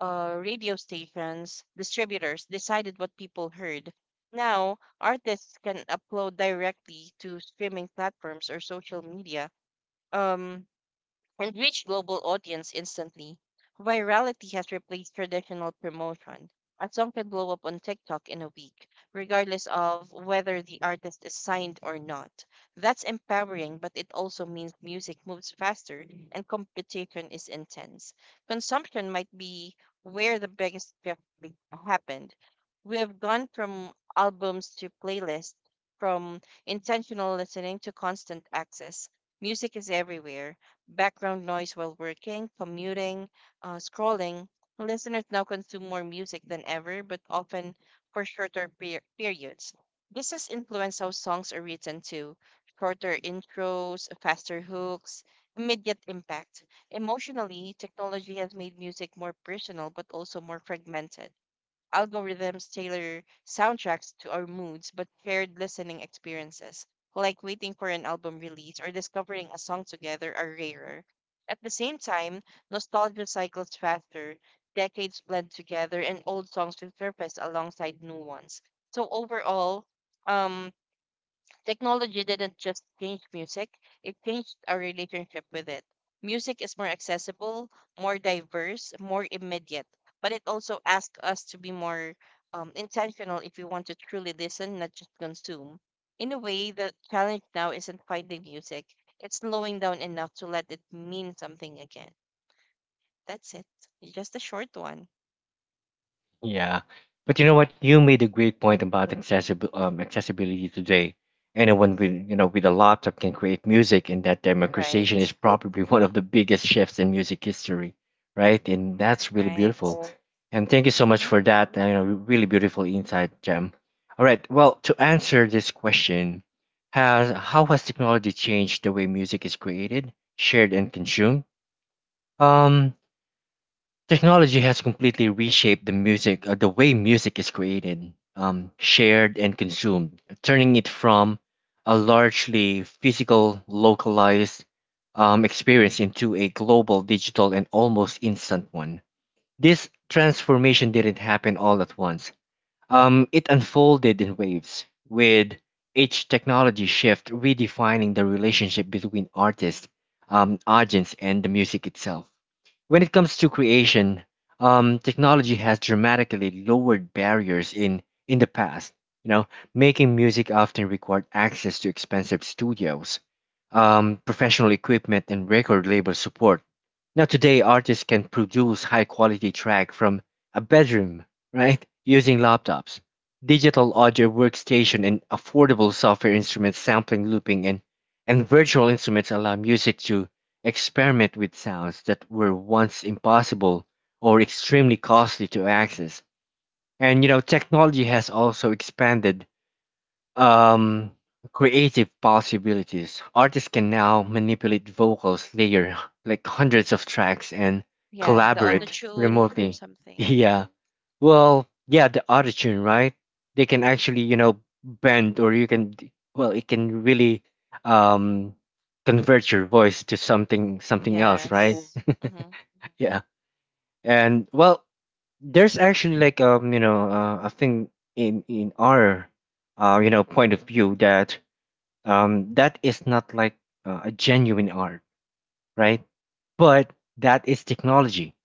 [SPEAKER 2] uh, radio stations, distributors decided what people heard. Now, artists can upload directly to streaming platforms or social media, Um, and reach global audience instantly. Virality has replaced traditional promotion. A song can blow up on TikTok in a week, regardless of whether the artist is signed or not. That's empowering, but it also means music moves faster and competition is intense. Consumption might be where the biggest happened. We have gone from albums to playlists, from intentional listening to constant access. Music is everywhere: background noise while working, commuting, scrolling. Listeners now consume more music than ever, but often for shorter periods. This has influenced how songs are written too. Shorter intros, faster hooks, immediate impact. Emotionally, technology has made music more personal but also more fragmented. Algorithms tailor soundtracks to our moods, but shared listening experiences, like waiting for an album release or discovering a song together, are rarer. At the same time, nostalgia cycles faster, decades blend together, and old songs will surface alongside new ones. So overall, um, technology didn't just change music, it changed our relationship with it. Music is more accessible, more diverse, more immediate, but it also asks us to be more intentional if we want to truly listen, not just consume. In a way, the challenge now isn't finding music, it's slowing down enough to let it mean something again. That's it. Just a short one.
[SPEAKER 1] Yeah, but you know what? You made a great point about accessible accessibility today. Anyone with you know with a laptop can create music, and that democratization is
[SPEAKER 2] Right,
[SPEAKER 1] probably one of the biggest shifts in music history, right? And that's really
[SPEAKER 2] right.
[SPEAKER 1] beautiful. And thank you so
[SPEAKER 2] Hmm.
[SPEAKER 1] much for that. You know, really beautiful insight, Jem. All right. Well, to answer this question, has how has technology changed the way music is created, shared, and consumed? Um, Technology has completely reshaped the way music is created, shared, and consumed, turning it from a largely physical, localized experience into a global, digital, and almost instant one. This transformation didn't happen all at once. It unfolded in waves, with each technology shift redefining the relationship between artists, audience, and the music itself. When it comes to creation, technology has dramatically lowered barriers in the past. You know, making music often required access to expensive studios, professional equipment, and record label support. Now today artists can produce high quality track from a bedroom, right? Using laptops, digital audio workstation and affordable software instruments, sampling, looping, and virtual instruments allow music to experiment with sounds that were once impossible or extremely costly to access. And you know, technology has also expanded um, creative possibilities. Artists can now manipulate vocals, layer like hundreds of tracks and
[SPEAKER 2] Yeah, the auto
[SPEAKER 1] collaborate
[SPEAKER 2] tune, or
[SPEAKER 1] remotely.
[SPEAKER 2] something.
[SPEAKER 1] Yeah. Well, yeah, the autotune, right? They can actually, you know, bend or you can well, it can really um convert your voice to something else, right?
[SPEAKER 2] Yes. Hmm.
[SPEAKER 1] Yeah. And well, there's actually like a thing in our you know, point of view that that is not like a genuine art, right? But that is technology.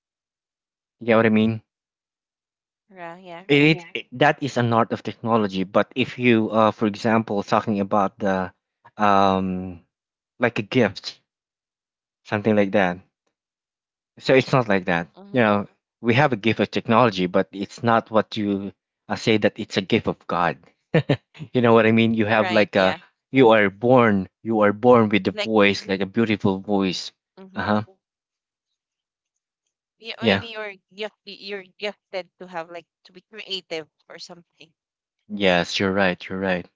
[SPEAKER 1] You know what I mean?
[SPEAKER 2] Yeah, yeah.
[SPEAKER 1] That is an art of technology. But if you, for example, talking about the um, like a gift, something like that. So it's not like that. You
[SPEAKER 2] Mm-hmm.
[SPEAKER 1] know, we have a
[SPEAKER 2] Hmm.
[SPEAKER 1] gift of technology, but it's not what you say that it's a gift of God. You know what I mean? You have
[SPEAKER 2] Right,
[SPEAKER 1] like a
[SPEAKER 2] yeah.
[SPEAKER 1] you are born with a
[SPEAKER 2] Like,
[SPEAKER 1] voice like a beautiful voice. Uh
[SPEAKER 2] mm-hmm.
[SPEAKER 1] huh.
[SPEAKER 2] Yeah,
[SPEAKER 1] Yeah.
[SPEAKER 2] maybe you're gift, you're gifted to have like to be creative or something.
[SPEAKER 1] Yes, you're right. You're right.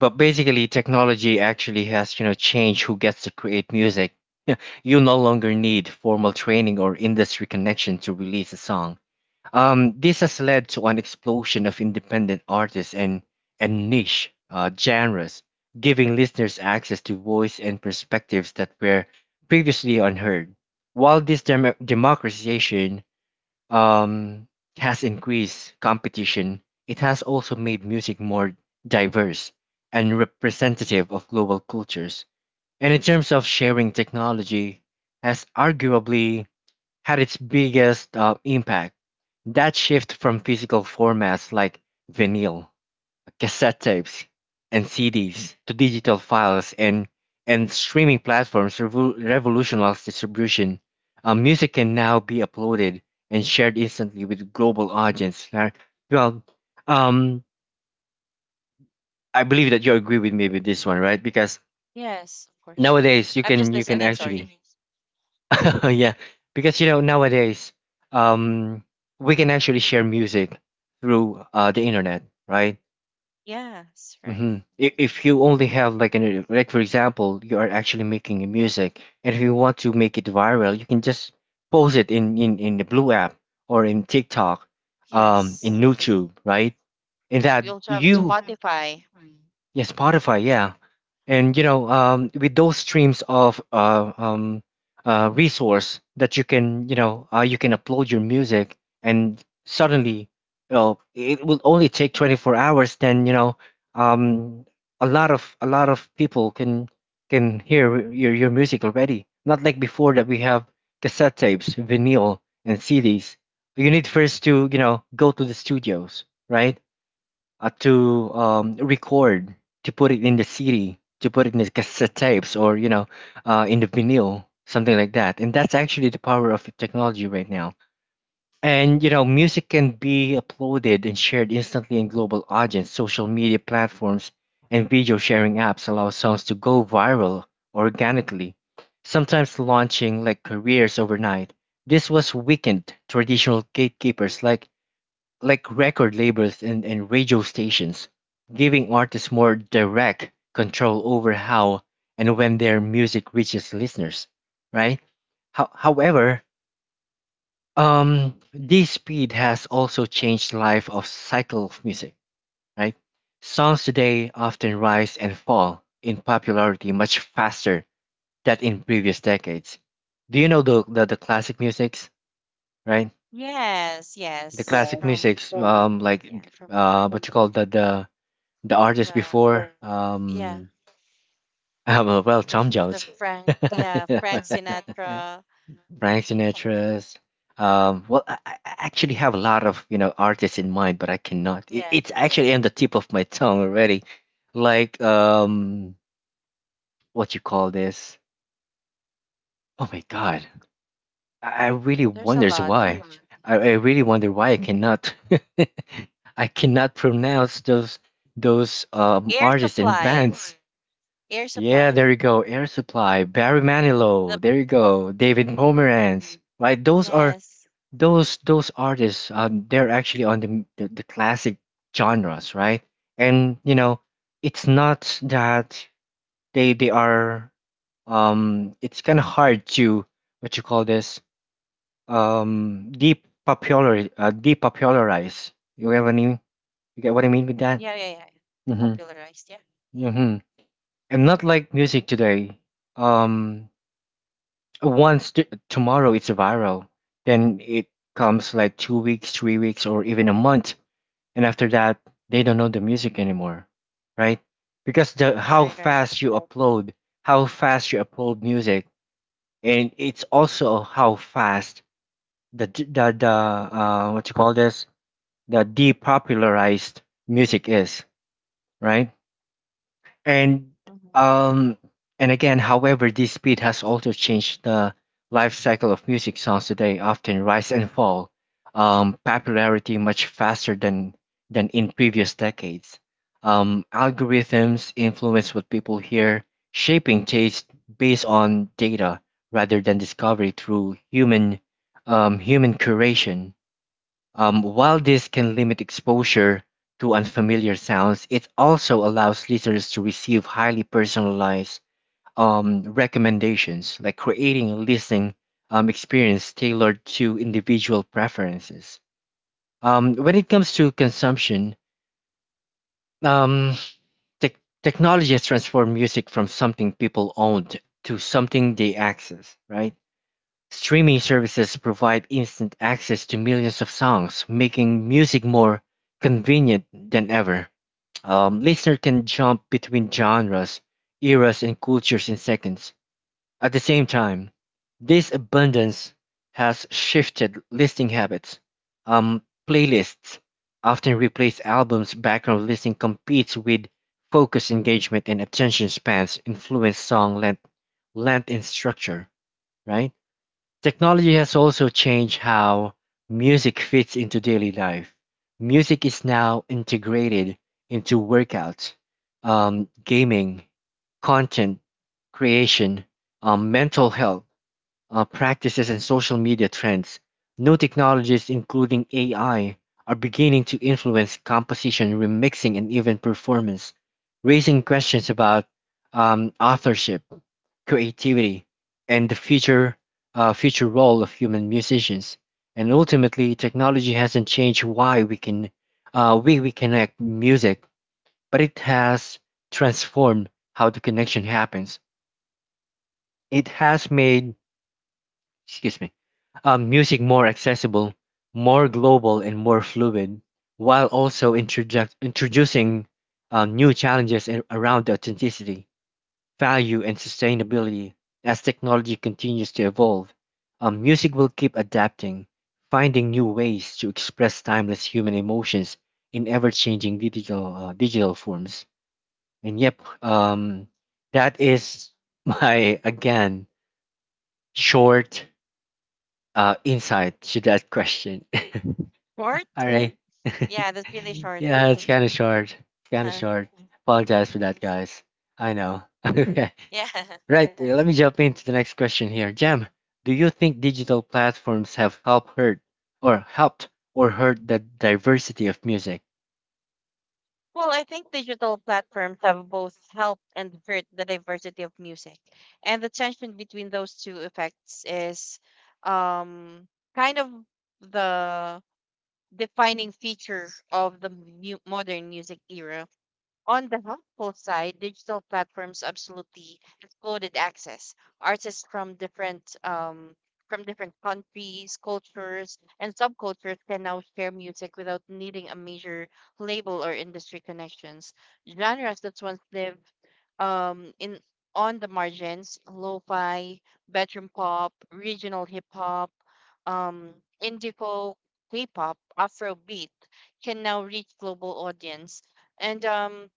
[SPEAKER 1] But basically, technology actually has, you know, changed who gets to create music. Yeah, you no longer need formal training or industry connection to release a song. This has led to an explosion of independent artists and niche genres, giving listeners access to voice and perspectives that were previously unheard. While this democratization um, has increased competition, it has also made music more diverse and representative of global cultures. And in terms of sharing technology, has arguably had its biggest impact. That shift from physical formats like vinyl, cassette tapes, and CDs to digital files and streaming platforms revolutionized distribution. Music can now be uploaded and shared instantly with global audience. Well, um, I believe that you agree with me with this one, right? Because
[SPEAKER 2] Yes, of course.
[SPEAKER 1] nowadays
[SPEAKER 2] I'm just
[SPEAKER 1] you can
[SPEAKER 2] listening, sorry.
[SPEAKER 1] actually, yeah, because you know nowadays um, we can actually share music through the internet, right?
[SPEAKER 2] Yes, right.
[SPEAKER 1] If you only have like an like for example, you are actually making a music, and if you want to make it viral, you can just post it in the Blue app or in TikTok, in
[SPEAKER 2] Yes.
[SPEAKER 1] YouTube, right? In that
[SPEAKER 2] We also have
[SPEAKER 1] you,
[SPEAKER 2] Spotify.
[SPEAKER 1] yeah, Spotify, yeah,
[SPEAKER 2] Mm-hmm.
[SPEAKER 1] and you know with those streams of resource that you can you can upload your music and suddenly you know, it will only take 24 hours then um, a lot of people can hear your music already, not like before that we have cassette tapes, vinyl, and cds. You need first to you know go to the studios, right? To record, to put it in the CD, to put it in the cassette tapes, or you know, in the vinyl, something like that. And that's actually the power of technology right now. And you know, music can be uploaded and shared instantly in global audience. Social media platforms and video sharing apps allow songs to go viral organically, sometimes launching like careers overnight. This was weakened traditional gatekeepers like record labels, and radio stations, giving artists more direct control over how and when their music reaches listeners, right? However, this speed has also changed life of cycle of music, right? Songs today often rise and fall in popularity much faster than in previous decades. Do you know the classic musics, right?
[SPEAKER 2] Yes,
[SPEAKER 1] The
[SPEAKER 2] yes.
[SPEAKER 1] classic
[SPEAKER 2] From
[SPEAKER 1] musics,
[SPEAKER 2] yeah,
[SPEAKER 1] like
[SPEAKER 2] from my-
[SPEAKER 1] what you call the the artist
[SPEAKER 2] the
[SPEAKER 1] before,
[SPEAKER 2] yeah,
[SPEAKER 1] well,
[SPEAKER 2] the
[SPEAKER 1] Tom
[SPEAKER 2] the
[SPEAKER 1] Jones,
[SPEAKER 2] Frank, yeah,
[SPEAKER 1] yeah.
[SPEAKER 2] Frank Sinatra.
[SPEAKER 1] Frank
[SPEAKER 2] Yeah.
[SPEAKER 1] Sinatra's. Um,
[SPEAKER 2] Mhm.
[SPEAKER 1] well, I actually have a lot of you know artists in mind, but I cannot. It,
[SPEAKER 2] Yeah,
[SPEAKER 1] it's actually on the tip of my tongue already. Like, what you call this? Oh my God, I really
[SPEAKER 2] there's a
[SPEAKER 1] wonders
[SPEAKER 2] lot
[SPEAKER 1] why.
[SPEAKER 2] actually.
[SPEAKER 1] I really wonder why I cannot. I cannot pronounce those
[SPEAKER 2] Air
[SPEAKER 1] artists and
[SPEAKER 2] Supply.
[SPEAKER 1] bands.
[SPEAKER 2] Air
[SPEAKER 1] Yeah, there
[SPEAKER 2] Supply.
[SPEAKER 1] you go. Air Supply, Barry Manilow.
[SPEAKER 2] The
[SPEAKER 1] There you go. David
[SPEAKER 2] mhm.
[SPEAKER 1] Pomerantz. Right, those are
[SPEAKER 2] Yes.
[SPEAKER 1] those artists. They're actually on the classic genres, right? And you know, it's not that they are. It's kind of hard to what you call this. Depopularize. You have any? You get what I mean with that?
[SPEAKER 2] Yeah, yeah, yeah.
[SPEAKER 1] Mm-hmm.
[SPEAKER 2] Depopularized. Yeah.
[SPEAKER 1] Mm-hmm. And not like music today. Um, Once tomorrow it's viral, then it comes like 2 weeks, 3 weeks, or even a month, and after that they don't know the music anymore, right? Because the how
[SPEAKER 2] Right, right.
[SPEAKER 1] fast you upload, how fast you upload music, and it's also how fast the what you call this, the depopularized music is, right? And
[SPEAKER 2] Mhm.
[SPEAKER 1] um and again, however, this speed has also changed the life cycle of music songs today, often rise and fall, popularity much faster than in previous decades. Algorithms influence what people hear, shaping taste based on data rather than discovery through human human curation. While this can limit exposure to unfamiliar sounds, it also allows listeners to receive highly personalized recommendations, like creating a listening experience tailored to individual preferences. When it comes to consumption, um, tech technology has transformed music from something people owned to something they access, right? Streaming services provide instant access to millions of songs, making music more convenient than ever. Listeners can jump between genres, eras, and cultures in seconds. At the same time, this abundance has shifted listening habits. Um, Playlists often replace albums. Background listening competes with focus engagement and attention spans, influence song length and structure, right? Technology has also changed how music fits into daily life. Music is now integrated into workouts, gaming, content creation, mental health, practices and social media trends, new technologies, including AI, are beginning to influence composition, remixing, and even performance, raising questions about authorship, creativity, and the future future role of human musicians. And ultimately, technology hasn't changed why we can we connect music, but it has transformed how the connection happens. It has made excuse me, music more accessible, more global, and more fluid, while also introducing new challenges in, around the authenticity, value, and sustainability. As technology continues to evolve, music will keep adapting, finding new ways to express timeless human emotions in ever-changing digital digital forms. And yep, that is my again short insight to that question.
[SPEAKER 2] Short?
[SPEAKER 1] All right.
[SPEAKER 2] Yeah, that's really short.
[SPEAKER 1] yeah, it's kind of short. Kind of
[SPEAKER 2] Uh-huh.
[SPEAKER 1] short. Apologize for
[SPEAKER 2] Hmm.
[SPEAKER 1] that, guys. I know. okay.
[SPEAKER 2] Yeah.
[SPEAKER 1] Right. Uh, let me jump into the next question here. Jam, do you think digital platforms have helped hurt or helped or hurt the diversity of music?
[SPEAKER 2] Well, I think digital platforms have both helped and hurt the diversity of music. And the tension between those two effects is um, kind of the defining feature of the modern music era. On the helpful side, digital platforms absolutely exploded access. Artists from different countries, cultures, and subcultures can now share music without needing a major label or industry connections. Genres that once lived in on the margins, lo-fi, bedroom pop, regional hip hop, um, indie folk, K-pop, Afrobeat, can now reach global audience. And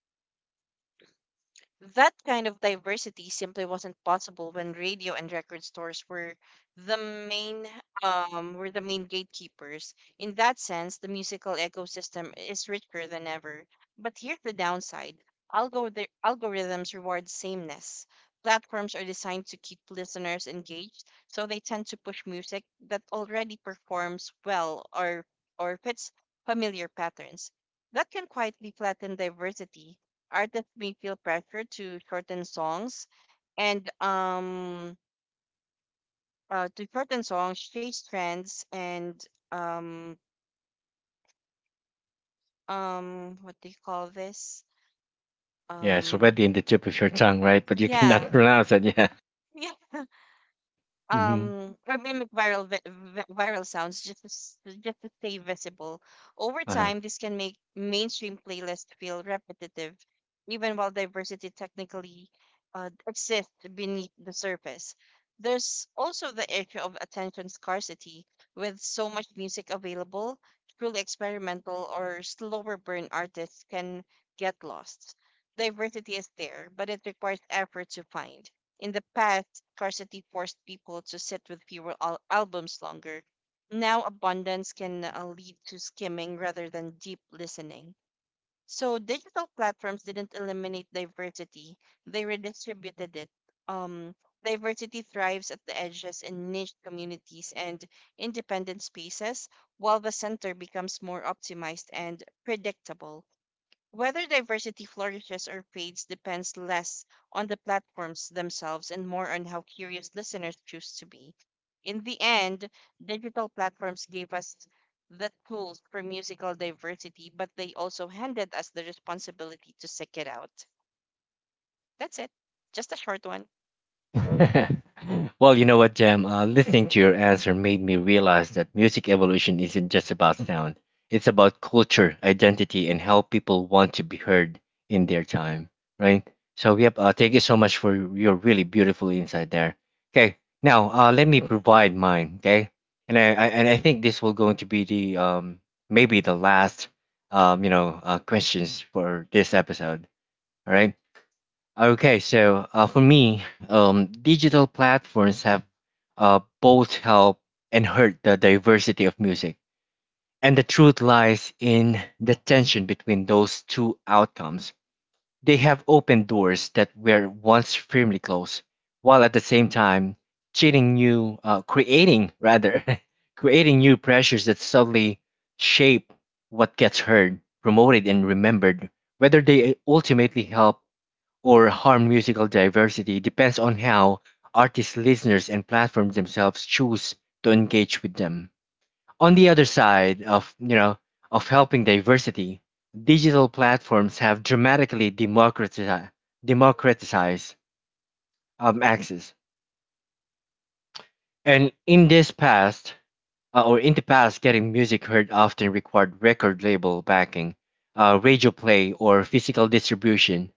[SPEAKER 2] that kind of diversity simply wasn't possible when radio and record stores the main were the main gatekeepers. In that sense, the musical ecosystem is richer than ever. But here's the downside: algorithms reward sameness. Platforms are designed to keep listeners engaged, so they tend to push music that already performs well or fits familiar patterns. That can quietly flatten diversity. Artists may feel pressure to shorten songs and to shorten songs, chase trends, and um what do you call this?
[SPEAKER 1] Yeah, it's
[SPEAKER 2] Um,
[SPEAKER 1] already in the tip of your tongue, right? But you
[SPEAKER 2] yeah.
[SPEAKER 1] cannot pronounce it. Yeah. Mm-hmm.
[SPEAKER 2] Or mimic viral sounds just to, just to stay visible. Over
[SPEAKER 1] Uh-huh.
[SPEAKER 2] time, this can make mainstream playlists feel repetitive, even while diversity technically exists beneath the surface. There's also the issue of attention scarcity. With so much music available, truly experimental or slower burn artists can get lost. Diversity is there, but it requires effort to find. In the past, scarcity forced people to sit with fewer albums longer. Now, abundance can lead to skimming rather than deep listening. So digital platforms didn't eliminate diversity, they redistributed it. Um, Diversity thrives at the edges, in niche communities and independent spaces, while the center becomes more optimized and predictable. Whether diversity flourishes or fades depends less on the platforms themselves and more on how curious listeners choose to be. In the end, digital platforms gave us the tools for musical diversity, but they also handed us the responsibility to seek it out. That's it. Just a short one.
[SPEAKER 1] Well, you know what, Jam? Listening to your answer made me realize that music evolution isn't just about sound. It's about culture, identity, and how people want to be heard in their time, right? So, yep, thank you so much for your really beautiful insight there. Okay, now let me provide mine, okay? And I think this will going to be the maybe the last questions for this episode. All right. Okay, so for me, digital platforms have both helped and hurt the diversity of music. And the truth lies in the tension between those two outcomes. They have opened doors that were once firmly closed, while at the same time creating rather, creating new pressures that subtly shape what gets heard, promoted, and remembered. Whether they ultimately help or harm musical diversity depends on how artists, listeners, and platforms themselves choose to engage with them. On the other side of you know of helping diversity, digital platforms have dramatically democratized democratized access. And in this past or in the past, getting music heard often required record label backing, radio play, or physical distribution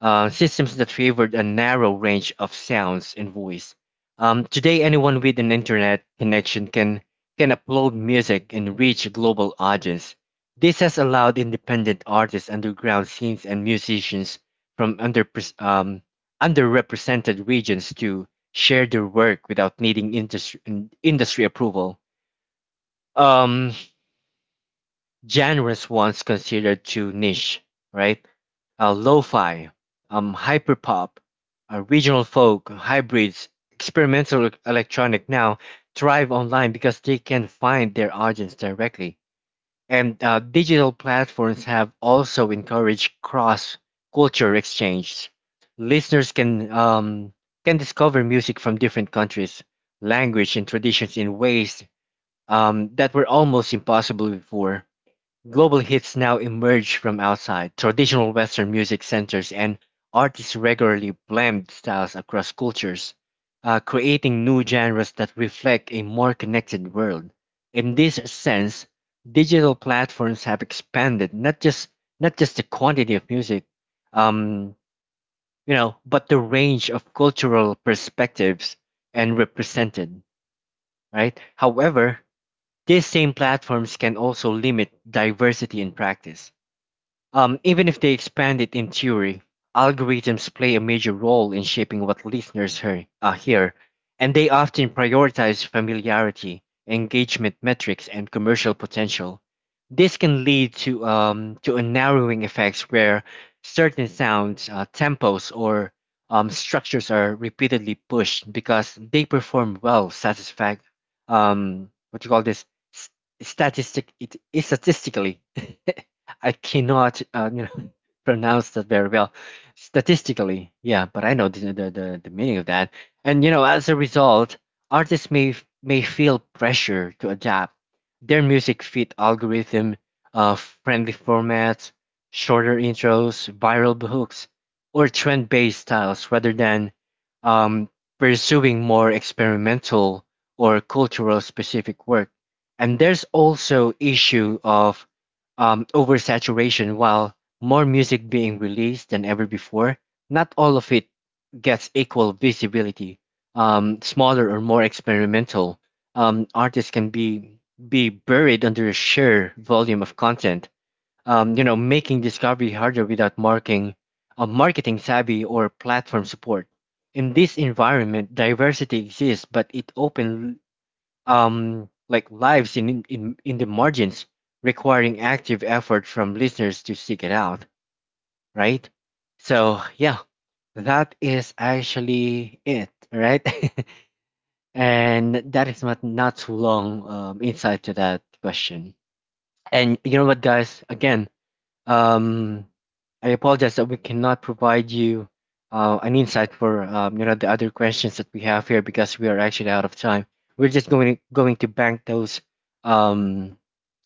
[SPEAKER 1] systems that favored a narrow range of sounds and voice. Today, anyone with an internet connection can upload music and reach a global audience. This has allowed independent artists, underground scenes, and musicians from um, underrepresented regions to share their work without needing industry approval. Um, Genres once considered too niche, right? Lo-fi, hyperpop, regional folk, hybrids, experimental electronic now thrive online because they can find their audience directly. And digital platforms have also encouraged cross-culture exchange. Listeners can discover music from different countries, language, and traditions in ways that were almost impossible before. Global hits now emerge from outside traditional Western music centers, and artists regularly blend styles across cultures, creating new genres that reflect a more connected world. In this sense, digital platforms have expanded not just the quantity of music, um, you know, but the range of cultural perspectives and represented. Right. However, these same platforms can also limit diversity in practice, even if they expand it in theory, algorithms play a major role in shaping what listeners hear, and they often prioritize familiarity, engagement metrics, and commercial potential. This can lead to a narrowing effects where certain sounds, tempos, or structures are repeatedly pushed because they perform well, satisfact what you call this, s- statistic, it, statistically. I cannot pronounce that very well statistically. Yeah, but I know the meaning of that. And you know, as a result, artists may feel pressure to adapt their music fit algorithm, uh, friendly formats, shorter intros, viral hooks, or trend-based styles rather than um, pursuing more experimental or cultural specific work. And there's also issue of oversaturation while more music being released than ever before, not all of it gets equal visibility. Smaller or more experimental artists can be buried under a sheer volume of content. You know, making discovery harder without marking a marketing savvy or platform support. In this environment, diversity exists, but it open like lives in the margins, requiring active effort from listeners to seek it out, right? So yeah, that is actually it, right? and that is not too long insight to that question. And you know what, guys? Again, um, I apologize that we cannot provide you an insight for you know the other questions that we have here because we are actually out of time. We're just going to, going to bank those um,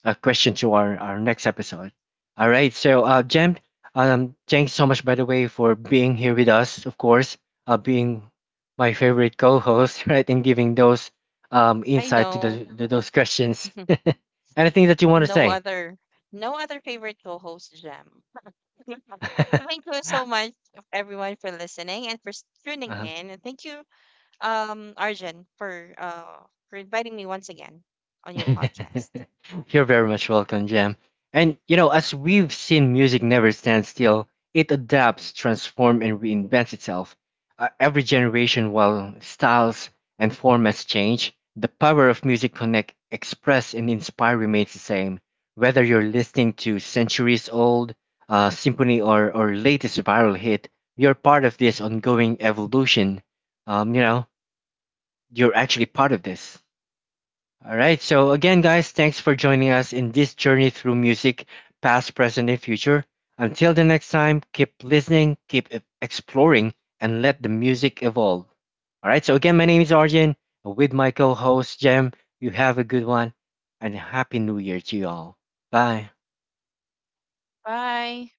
[SPEAKER 1] questions to our next episode. All right. So, Jem, thanks so much by the way for being here with us. Of course, being my favorite co-host, right, and giving those
[SPEAKER 2] I
[SPEAKER 1] insight to
[SPEAKER 2] know.
[SPEAKER 1] the those questions. Anything that you want to
[SPEAKER 2] no
[SPEAKER 1] say?
[SPEAKER 2] other, no other favorite co-host, Jam. Thank you so much everyone for listening and for tuning
[SPEAKER 1] Uh-huh.
[SPEAKER 2] in. And thank you Arjun, for inviting me once again on your podcast.
[SPEAKER 1] You're very much welcome, Jam. And you know, as we've seen, music never stands still. It adapts, transforms, and reinvents itself. Every generation, while styles and formats change, the power of music connect, express, and inspire remains the same. Whether you're listening to centuries-old symphony or latest viral hit, you're part of this ongoing evolution. You know, you're actually part of this. All right. So again, guys, thanks for joining us in this journey through music, past, present, and future. Until the next time, keep listening, exploring, and let the music evolve. All right. So again, my name is Arjun with my co-host Jem. You have a good one, and happy New Year to you all. Bye.
[SPEAKER 2] Bye.